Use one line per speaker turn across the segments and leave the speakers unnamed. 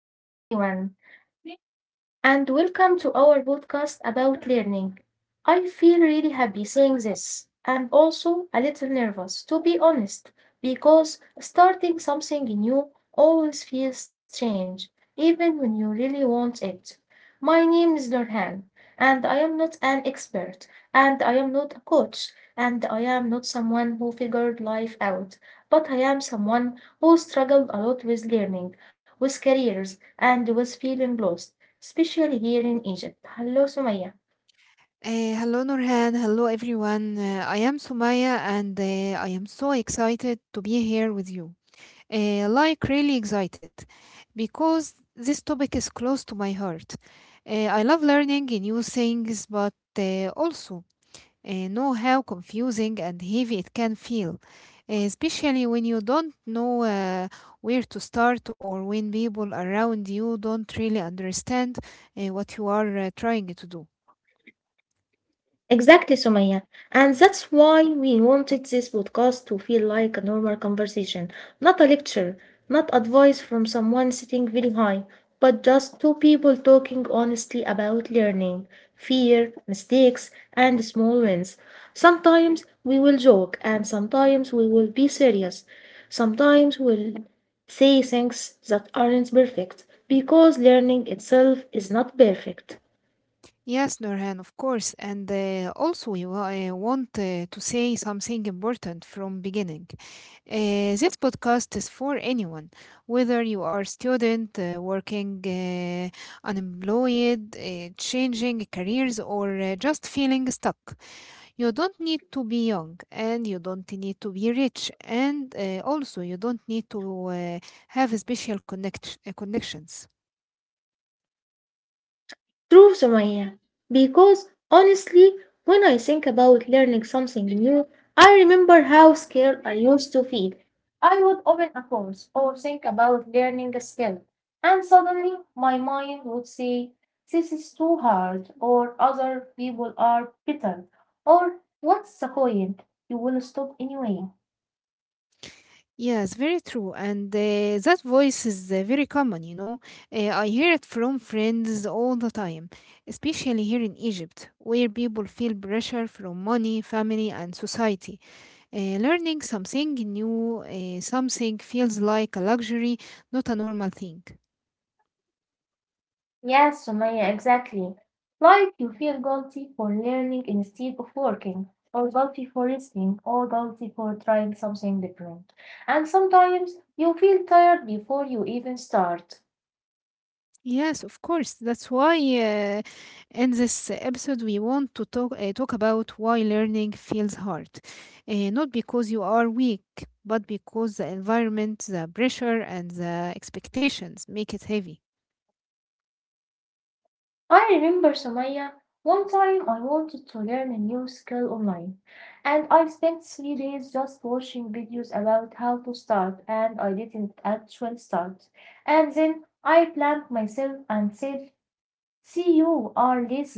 Hello everyone and welcome to our podcast about learning. I feel really happy saying this and also a little nervous, to be honest, because starting something new always feels strange, even when you really want it. My name is Nurhan, and I am not an expert, and I am not a coach, and I am not someone who figured life out, but I am someone who struggled a lot with learning, with careers, and with feeling lost especially here in Egypt. Hello, Sumaya.
Hello, Nurhan. Hello, everyone. I am Sumaya, and I am so excited to be here with you. Like, really excited because this topic is close to my heart. I love learning new things, but also know how confusing and heavy it can feel, especially when you don't know where to start or when people around you don't really understand what you are trying to do.
Exactly, Sumaya. And that's why we wanted this podcast to feel like a normal conversation, not a lecture, not advice from someone sitting very high, but just two people talking honestly about learning, fear, mistakes, and small wins. Sometimes we will joke, and sometimes we will be serious. Sometimes we'll say things that aren't perfect, because learning itself is not perfect.
Yes, Nurhan, of course. And also, I want to say something important from beginning. This podcast is for anyone, whether you are student, working, unemployed, changing careers, or just feeling stuck. You don't need to be young, and you don't need to be rich, and also you don't need to have special connections.
True, Sumaya. Because honestly, when I think about learning something new, I remember how scared I used to feel. I would open a course or think about learning a skill, and suddenly my mind would say, "This is too hard," or "other people are better," or "What's the point? You will stop anyway."
Yes, very true. And that voice is very common. I hear it from friends all the time, especially here in Egypt, where people feel pressure from money, family, and society. Learning something new, something feels like a luxury, not a normal thing.
Yes, Sumaya, exactly. Like you feel guilty for learning instead of working, or guilty for listening, or guilty for trying something different. And sometimes you feel tired before you even start.
Yes, of course. That's why in this episode we want to talk about why learning feels hard, not because you are weak, but because the environment, the pressure, and the expectations make it heavy.
I remember, Sumaya, one time I wanted to learn a new skill online, and I spent 3 days just watching videos about how to start, and I didn't actually start. And then I blamed myself and said, "See, you are lazy."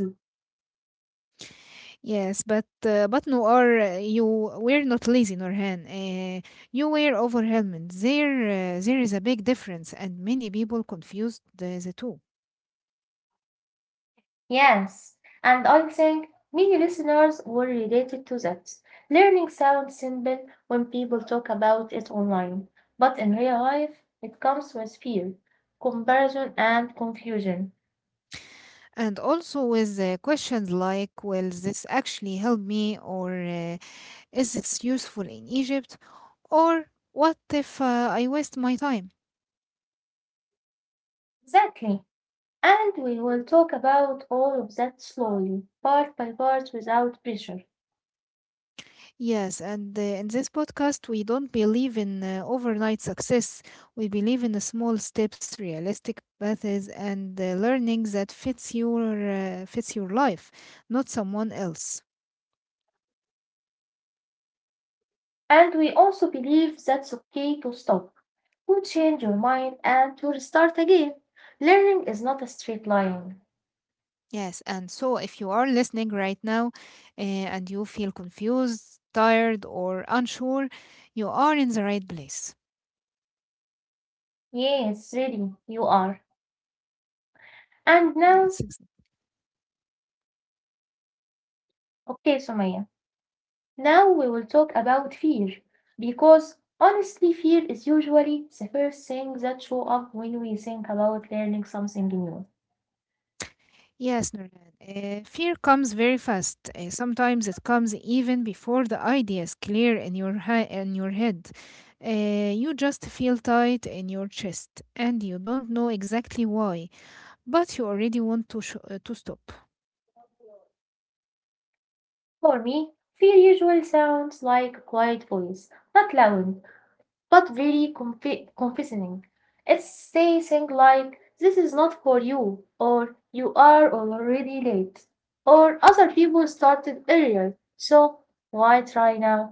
Yes, but no, are you were not lazy, Norhan. You were overwhelmed. There is a big difference, and many people confused the two.
Yes, and I think many listeners will relate it to that. Learning sounds simple when people talk about it online, but in real life, it comes with fear, comparison, and confusion.
And also with questions like, will this actually help me? Or is it useful in Egypt? Or what if I waste my time?
Exactly. And we will talk about all of that slowly, part by part, without pressure.
Yes, and in this podcast, we don't believe in overnight success. We believe in the small steps, realistic paths, and learning that fits your life, not someone else.
And we also believe that's okay to stop, to change your mind, and to restart again. Learning is not a straight line.
Yes, and so if you are listening right now and you feel confused, tired, or unsure, you are in the right place.
Yes, really, you are. And now,
Yes, ex-
okay, Sumaya, now we will talk about fear because honestly, fear is usually the first thing that show up when we think about learning something new.
yes, Nurhan. Fear comes very fast. Sometimes it comes even before the idea is clear in in your head. You just feel tight in your chest, and you don't know exactly why, but you already want to to stop.
For me, fear usually sounds like a quiet voice, not loud, but very confessing. It's say things like, this is not for you, or you are already late, or other people started earlier, so why try now?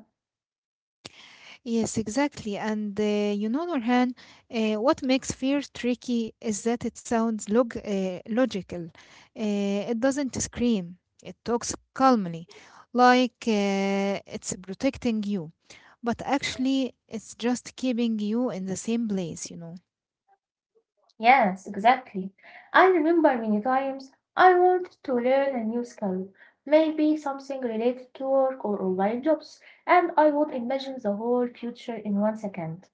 Yes, exactly. And Nurhan, what makes fear tricky is that it sounds logical. It doesn't scream, it talks calmly, like it's protecting you. But actually, it's just keeping you in the same place.
Yes, exactly. I remember many times I wanted to learn a new skill, maybe something related to work or online jobs, and I would imagine the whole future in 1 second.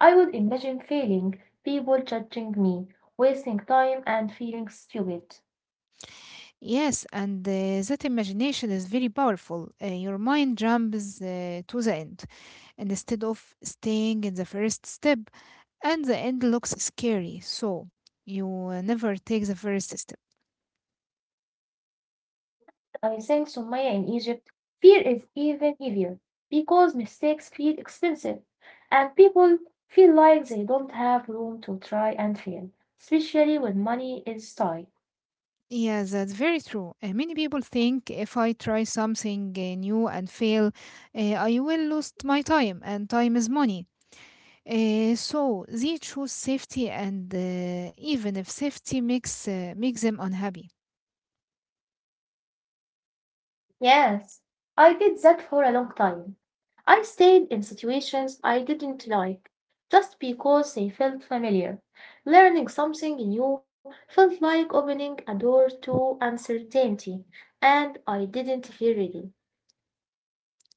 I would imagine failing, people judging me, wasting time, and feeling stupid.
Yes, and that imagination is very powerful. Your mind jumps to the end, and instead of staying in the first step, and the end looks scary. So you never take the first step.
I think Sumaya in Egypt, fear is even heavier because mistakes feel expensive and people feel like they don't have room to try and fail, especially when money is tight.
Yeah, that's very true. Many people think if I try something new and fail, I will lose my time, and time is money. So they choose safety, and even if safety makes them unhappy.
Yes, I did that for a long time. I stayed in situations I didn't like, just because they felt familiar. Learning something new felt like opening a door to uncertainty, and I didn't feel ready.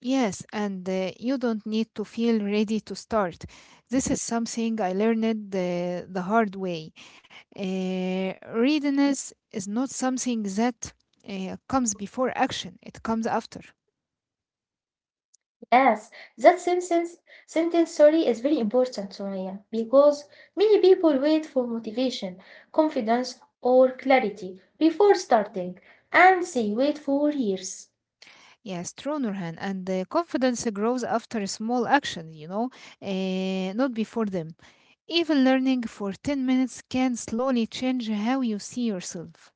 Yes, and you don't need to feel ready to start. This is something I learned the hard way. Readiness is not something that comes before action, it comes after.
Yes, that sentence, sentence sorry, is very important, Soraya, because many people wait for motivation, confidence, or clarity before starting, and they wait for years.
Yes, true, Nurhan. And the confidence grows after small actions, not before them. Even learning for 10 minutes can slowly change how you see yourself.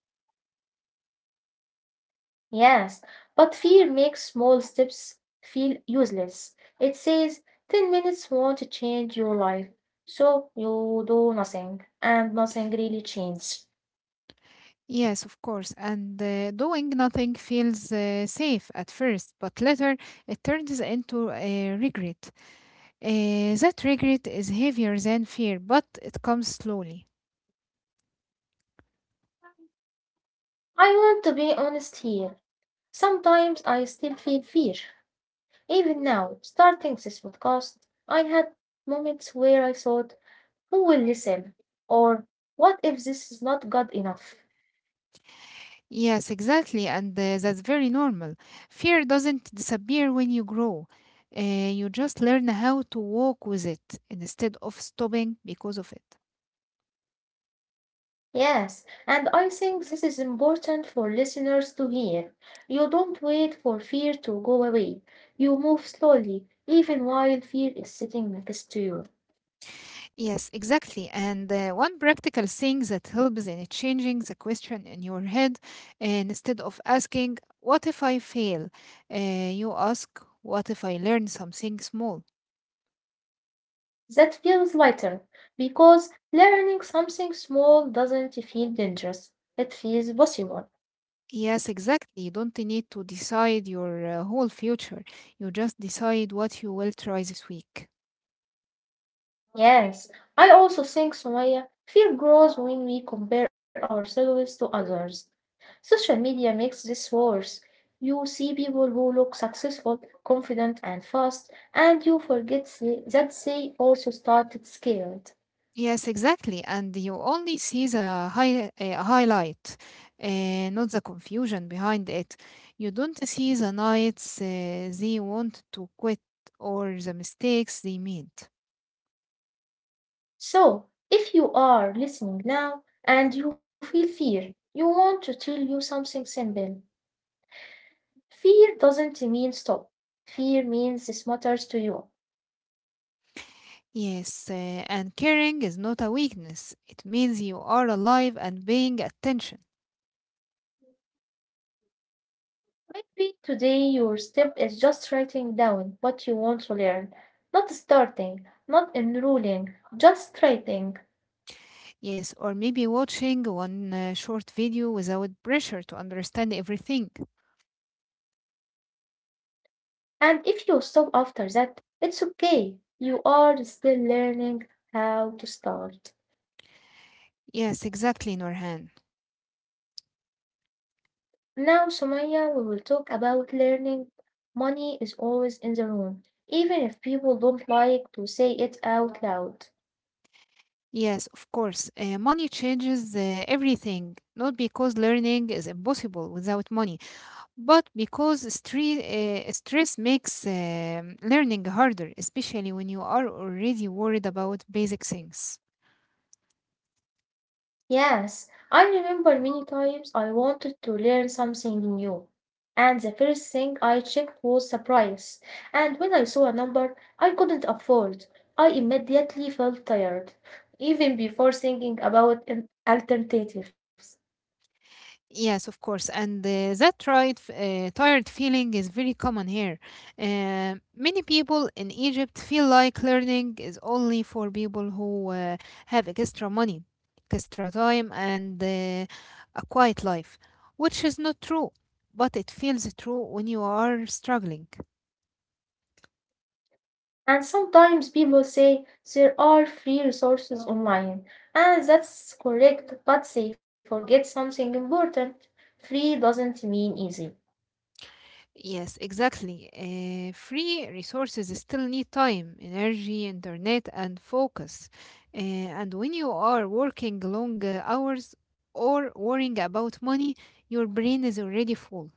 Yes, but fear makes small steps feel useless. It says 10 minutes won't change your life, so you do nothing, and nothing really changes.
Yes, of course. And doing nothing feels safe at first, but later it turns into a regret. That regret is heavier than fear, but it comes slowly.
I want to be honest here. Sometimes I still feel fear. Even now, starting this podcast, I had moments where I thought, who will listen? Or what if this is not good enough?
Yes, exactly. And that's very normal. Fear doesn't disappear when you grow. You just learn how to walk with it instead of stopping because of it.
Yes, and I think this is important for listeners to hear. You don't wait for fear to go away. You move slowly, even while fear is sitting next to you.
Yes, exactly. And one practical thing that helps in changing the question in your head, instead of asking, what if I fail? You ask, what if I learn something small?
That feels lighter because learning something small doesn't feel dangerous, it feels possible.
Yes, exactly. You don't need to decide your whole future. You just decide what you will try this week.
Yes, I also think, Sumaya, fear grows when we compare ourselves to others. Social media makes this worse. You see people who look successful, confident, and fast, and you forget that they also started scared.
Yes, exactly. And you only see the highlight, not the confusion behind it. You don't see the nights they wanted to quit or the mistakes they made.
So, if you are listening now and you feel fear, you want to tell you something simple. Fear doesn't mean stop. Fear means this matters to you.
Yes, and caring is not a weakness. It means you are alive and paying attention.
Maybe today your step is just writing down what you want to learn, not starting, not enrolling, just writing.
Yes, or maybe watching one short video without pressure to understand everything.
And if you stop after that, it's okay. You are still learning how to start.
Yes, exactly, Norhan.
Now, Sumaya, we will talk about learning. Money is always in the room, even if people don't like to say it out loud.
Yes, of course. Money changes everything, not because learning is impossible without money, but because stress makes learning harder, especially when you are already worried about basic things.
Yes, I remember many times I wanted to learn something new, and the first thing I checked was the price. And when I saw a number I couldn't afford, I immediately felt tired, even before thinking about alternatives.
Yes, of course. And that tired feeling is very common here. Many people in Egypt feel like learning is only for people who have extra money, extra time, and a quiet life, which is not true, but it feels true when you are struggling.
And sometimes people say there are free resources online, and that's correct, but they forget something important. Free doesn't mean easy.
Yes, exactly. Free resources still need time, energy, internet, and focus. And when you are working long hours or worrying about money, your brain is already full.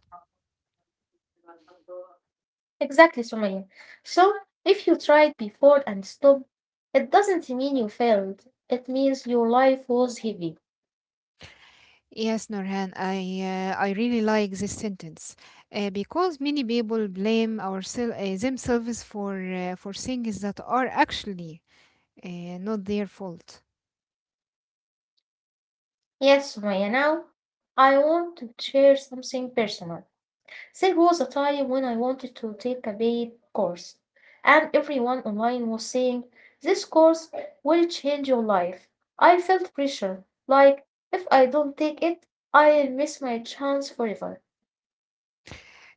Exactly, Sumaya. So, if you tried before and stopped, it doesn't mean you failed. It means your life was heavy.
Yes, Norhan, I really like this sentence because many people blame themselves for things that are actually not their fault.
Yes, Sumaya, now I want to share something personal. There was a time when I wanted to take a paid course, and everyone online was saying, "This course will change your life." I felt pressure, like if I don't take it, I'll miss my chance forever.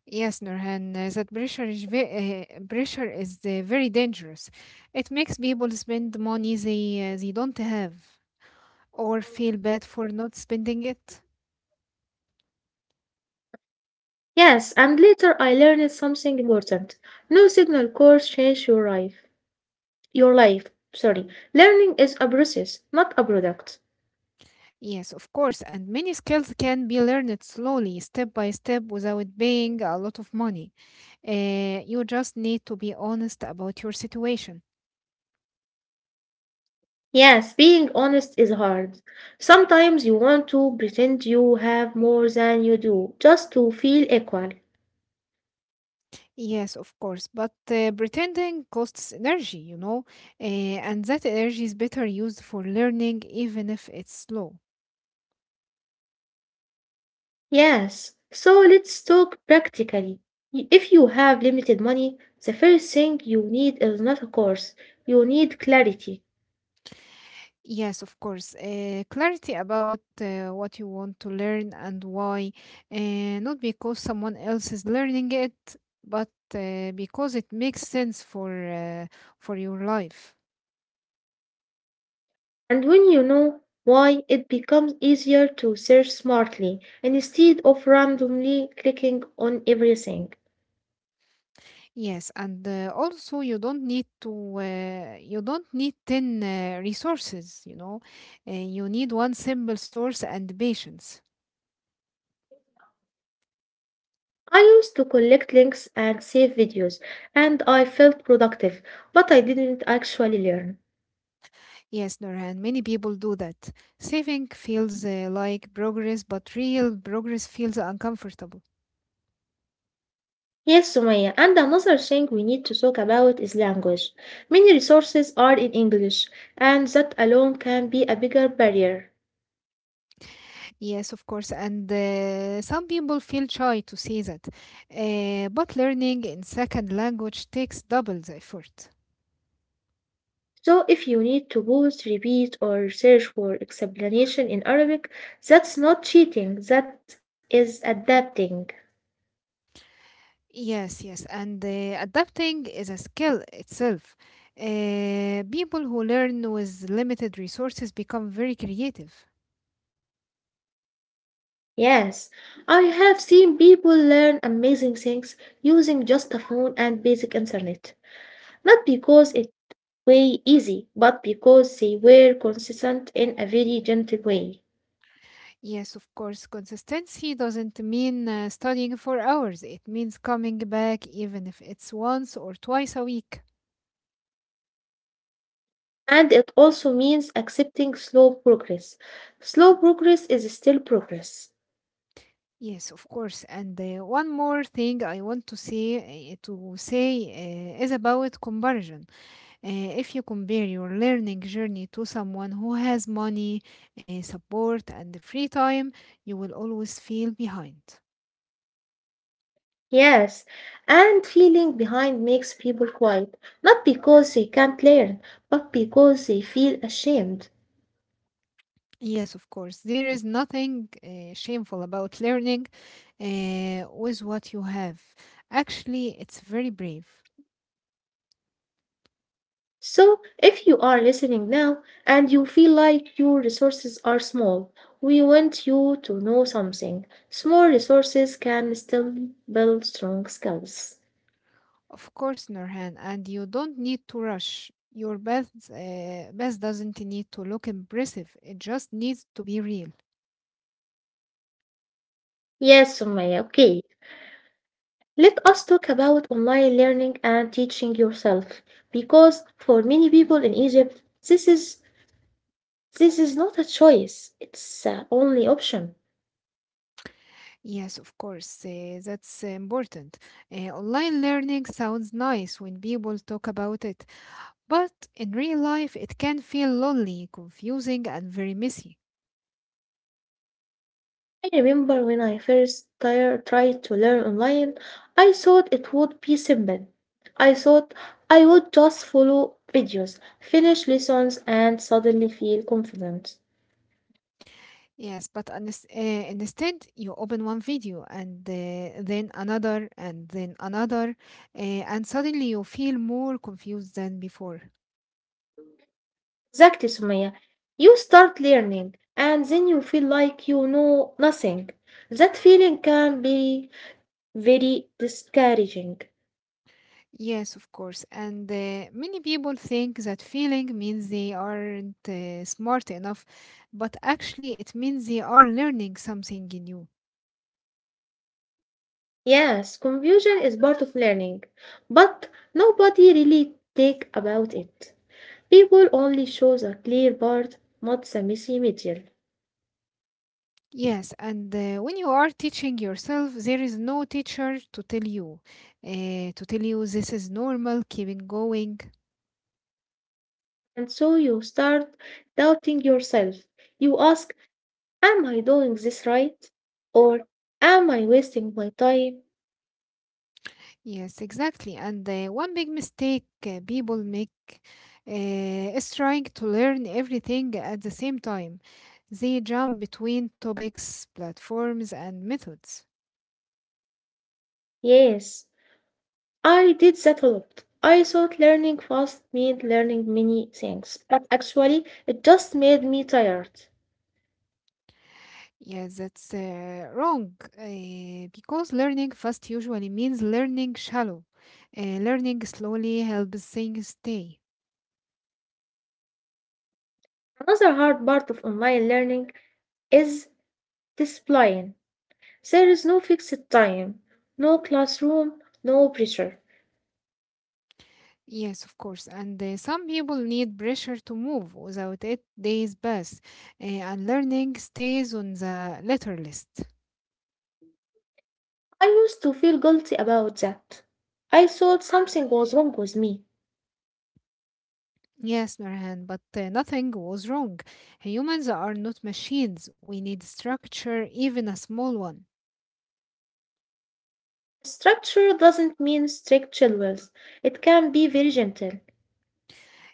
Yes, Nurhan, that pressure is very dangerous. It makes people spend money they don't have or feel bad for not spending it.
Yes, and later I learned something important. No signal course change your life. Your life. Sorry. Learning is a process, not a product.
Yes, of course, and many skills can be learned slowly, step by step, without paying a lot of money. You just need to be honest about your situation.
Yes, being honest is hard. Sometimes you want to pretend you have more than you do, just to feel equal.
Yes, of course, but pretending costs energy, and that energy is better used for learning, even if it's slow.
Yes, so let's talk practically. If you have limited money, the first thing you need is not a course, you need clarity.
Yes, of course. Clarity about what you want to learn and why, not because someone else is learning it, but because it makes sense for your life.
And when you know why, it becomes easier to search smartly instead of randomly clicking on everything.
Yes, and also you don't need 10 resources. You need one simple source and patience.
I used to collect links and save videos, and I felt productive, but I didn't actually learn.
Yes, Nurhan, many people do that. Saving feels like progress, but real progress feels uncomfortable.
Yes, Sumaya, and another thing we need to talk about is language. Many resources are in English, and that alone can be a bigger barrier.
Yes, of course. And some people feel shy to say that. But learning in second language takes double the effort.
So if you need to pause, repeat, or search for explanation in Arabic, that's not cheating, that is adapting.
Yes, yes. And adapting is a skill itself. People who learn with limited resources become very creative.
Yes, I have seen people learn amazing things using just a phone and basic internet. Not because it way easy, but because they were consistent in a very gentle way.
Yes, of course. Consistency doesn't mean studying for hours, it means coming back even if it's once or twice a week.
And it also means accepting slow progress. Slow progress is still progress.
Yes, of course. And one more thing I want to say is about comparison. If you compare your learning journey to someone who has money, support, and free time, you will always feel behind.
Yes, and feeling behind makes people quiet, not because they can't learn, but because they feel ashamed.
Yes, of course. There is nothing shameful about learning with what you have. Actually, it's very brave.
So, if you are listening now and you feel like your resources are small, we want you to know something. Small resources can still build strong skills.
Of course, Nurhan, and you don't need to rush. Your bath doesn't need to look impressive. It just needs to be real.
Yes, Sumaya, okay. Let us talk about online learning and teaching yourself, because for many people in Egypt, this is this is not a choice, it's the only option.
Yes, of course, that's important. Online learning sounds nice when people talk about it, but in real life, it can feel lonely, confusing, and very messy.
I remember when I first tried to learn online, I thought it would be simple. I thought I would just follow videos, finish lessons, and suddenly feel confident.
Yes, but instead, you open one video and then another and then another, and suddenly you feel more confused than before.
Exactly, Sumaya. You start learning, and then you feel like you know nothing. That feeling can be very discouraging.
Yes, of course. And many people think that feeling means they aren't smart enough, but actually, it means they are learning something new.
Yes, confusion is part of learning, but nobody really think about it. People only show the clear part, not the messy middle.
Yes, and when you are teaching yourself, there is no teacher to tell you this is normal, keep it going.
And so you start doubting yourself. You ask, am I doing this right? Or am I wasting my time?
Yes, exactly. And one big mistake people make is trying to learn everything at the same time. They jump between topics, platforms, and methods.
Yes, I did that a lot. I thought learning fast meant learning many things, but actually, it just made me tired.
Yes, that's wrong because learning fast usually means learning shallow. Learning slowly helps things stay.
Another hard part of online learning is discipline. There is no fixed time, no classroom, no pressure.
Yes, of course. And some people need pressure to move. Without it, days pass, and learning stays on the letter list.
I used to feel guilty about that. I thought something was wrong with me.
Yes, Nurhan, but nothing was wrong. Humans are not machines. We need structure, even a small one.
Structure doesn't mean strict chills. It can be very gentle.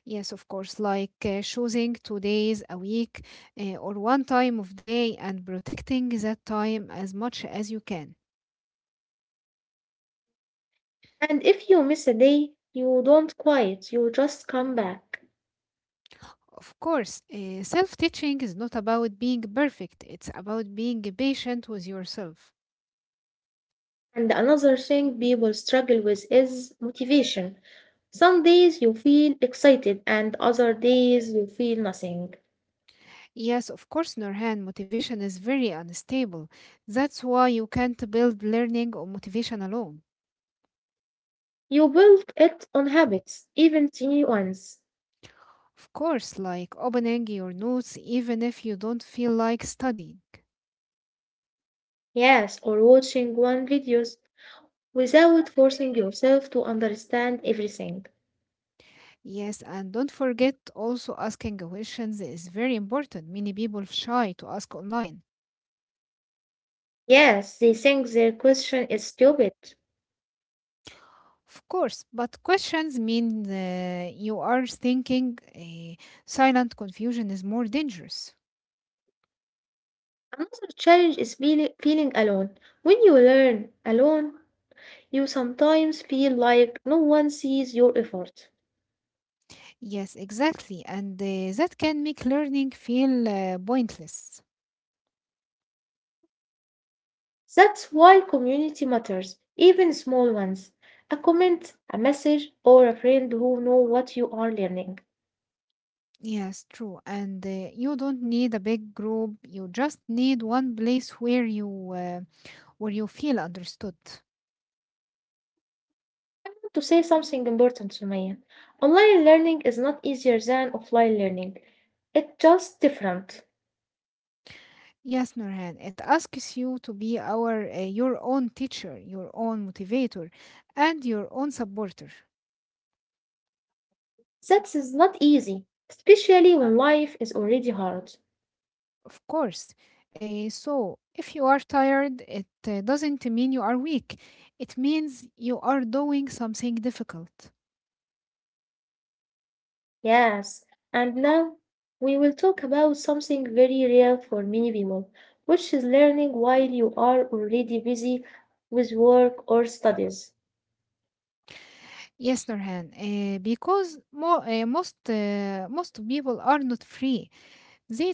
Yes, of course, like choosing 2 days a week or one time of day and protecting that time as much as you can.
And if you miss a day, you don't quit, you just come back.
Of course, self teaching is not about being perfect, it's about being patient with yourself.
And another thing people struggle with is motivation. Some days you feel excited, and other days you feel nothing.
Yes, of course, Nurhan, motivation is very unstable. That's why you can't build learning on motivation alone.
You build it on habits, even tiny ones.
Of course, like opening your notes even if you don't feel like studying.
Yes, or watching one videos without forcing yourself to understand everything.
Yes, and don't forget also asking questions is very important. Many people shy to ask online.
Yes, they think their question is stupid.
Of course, but questions mean you are thinking. Silent confusion is more dangerous.
Another challenge is feeling alone. When you learn alone, you sometimes feel like no one sees your effort.
Yes, exactly. And that can make learning feel pointless.
That's why community matters, even small ones. A comment, a message, or a friend who know what you are learning.
Yes, true. And you don't need a big group. You just need one place where you feel understood.
I want to say something important, Sumaya. Online learning is not easier than offline learning. It's just different.
Yes, Nurhan, it asks you to be our your own teacher, your own motivator, and your own supporter,
That is not easy, especially when life is already hard.
of course. So, if you are tired, it doesn't mean you are weak. It means you are doing something difficult.
Yes, and now we will talk about something very real for many people, which is learning while you are already busy with work or studies.
Yes, Nurhan, because most people are not free. They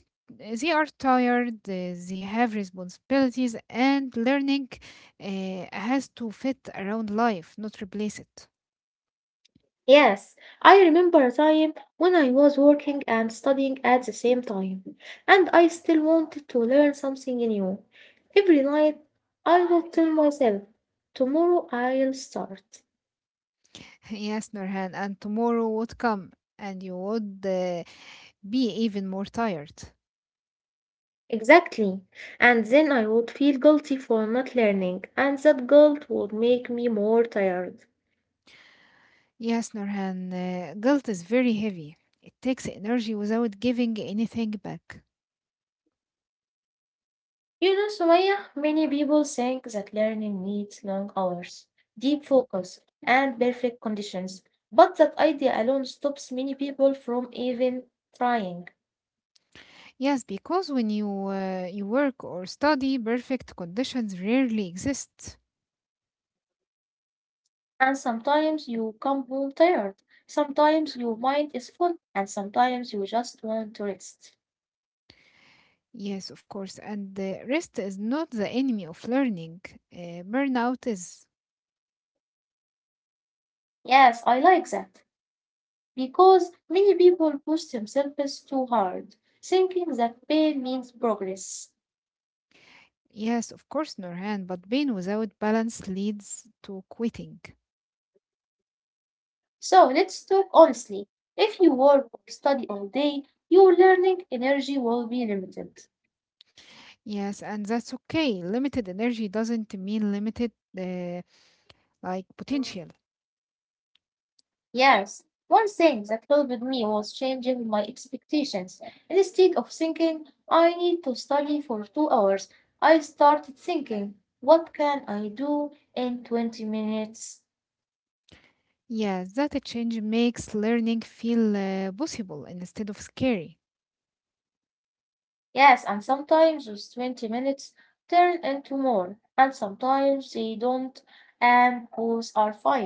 they are tired, they have responsibilities, and learning has to fit around life, not replace it.
Yes, I remember a time when I was working and studying at the same time, and I still wanted to learn something new. Every night I would tell myself, tomorrow I'll start.
Yes, Nurhan, and tomorrow would come, and you would be even more tired.
Exactly. And then I would feel guilty for not learning, and that guilt would make me more tired.
Yes, Nurhan, guilt is very heavy. It takes energy without giving anything back.
You know, Sumaya, many people think that learning needs long hours, deep focus, and perfect conditions, but that idea alone stops many people from even trying.
Yes, because when you work or study, perfect conditions rarely exist.
And sometimes you come home tired, sometimes your mind is full, and sometimes you just want to rest.
Yes, of course, and rest is not the enemy of learning. Burnout is.
Yes, I like that, because many people push themselves too hard, thinking that pain means progress.
Yes, of course, Norhan, but being without balance leads to quitting.
So let's talk honestly. If you work or study all day, your learning energy will be limited.
Yes, and that's okay. Limited energy doesn't mean limited uh, like potential.
Yes, one thing that helped me was changing my expectations. Instead of thinking, I need to study for 2 hours, I started thinking, what can I do in 20 minutes?
Yes, that change makes learning feel possible instead of scary.
Yes, and sometimes those 20 minutes turn into more, and sometimes they don't, and both are fine.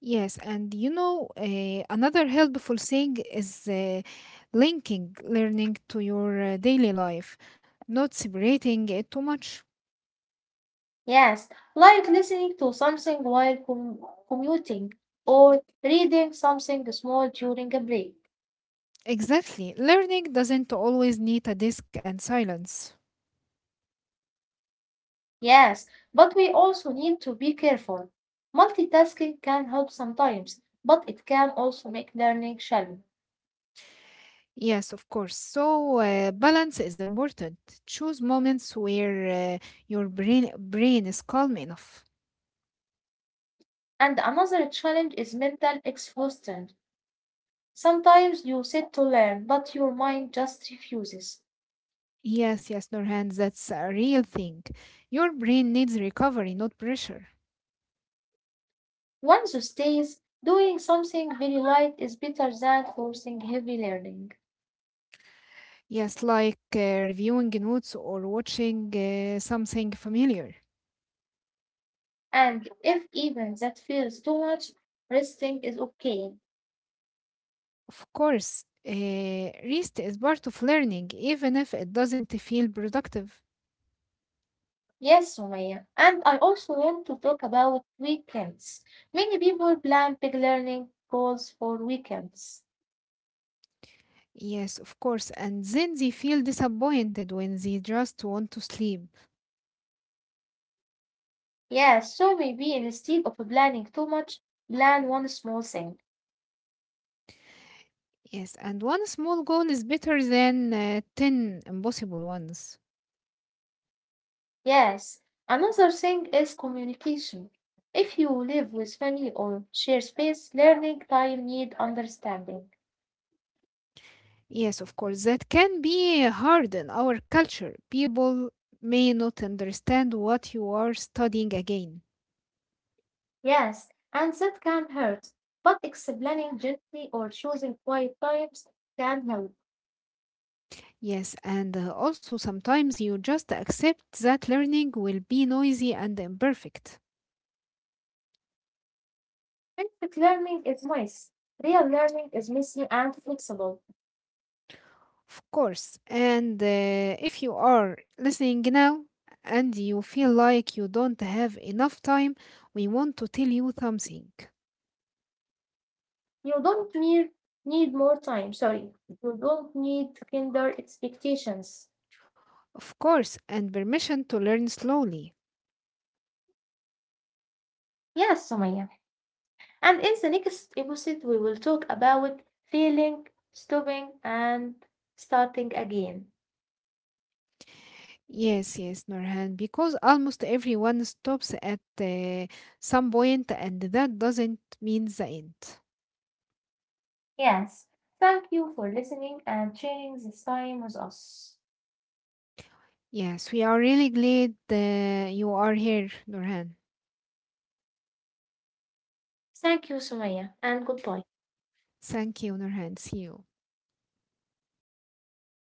Yes, and another helpful thing is linking learning to your daily life, not separating it too much.
Yes, like listening to something while commuting or reading something small during a break.
Exactly. Learning doesn't always need a desk and silence.
Yes, but we also need to be careful. Multitasking can help sometimes, but it can also make learning challenging.
Yes, of course. So, balance is important. Choose moments where your brain is calm enough.
And another challenge is mental exhaustion. Sometimes you sit to learn, but your mind just refuses.
Yes, yes, Nurhan, that's a real thing. Your brain needs recovery, not pressure.
Once you stays, doing something very light is better than forcing heavy learning.
Yes, like reviewing notes or watching something familiar.
And if even that feels too much, resting is okay.
Of course, rest is part of learning, even if it doesn't feel productive.
Yes, Sumaya. And I also want to talk about weekends. Many people plan big learning goals for weekends.
Yes, of course. And then they feel disappointed when they just want to sleep.
Yes, so maybe instead of planning too much, plan one small thing.
Yes, and one small goal is better than 10 impossible ones.
Yes, another thing is communication. If you live with family or share space, learning time need understanding.
Yes, of course. That can be hard in our culture. People may not understand what you are studying again.
Yes, and that can hurt, but explaining gently or choosing quiet times can help.
Yes, and also sometimes you just accept that learning will be noisy and imperfect,
Perfect learning is nice. Real learning is messy and flexible.
of course. And if you are listening now and you feel like you don't have enough time, we want to tell you something.
You don't need more time, sorry. You don't need to hinder expectations.
Of course, and permission to learn slowly.
Yes, Sumaya. And in the next episode, we will talk about feeling, stopping, and starting again.
Yes, yes, Norhan, because almost everyone stops at some point, and that doesn't mean the end.
Yes, thank you for listening and sharing this time with us.
Yes, we are really glad you are here, Nurhan.
Thank you, Sumaya, and good point.
Thank you, Nurhan. See you.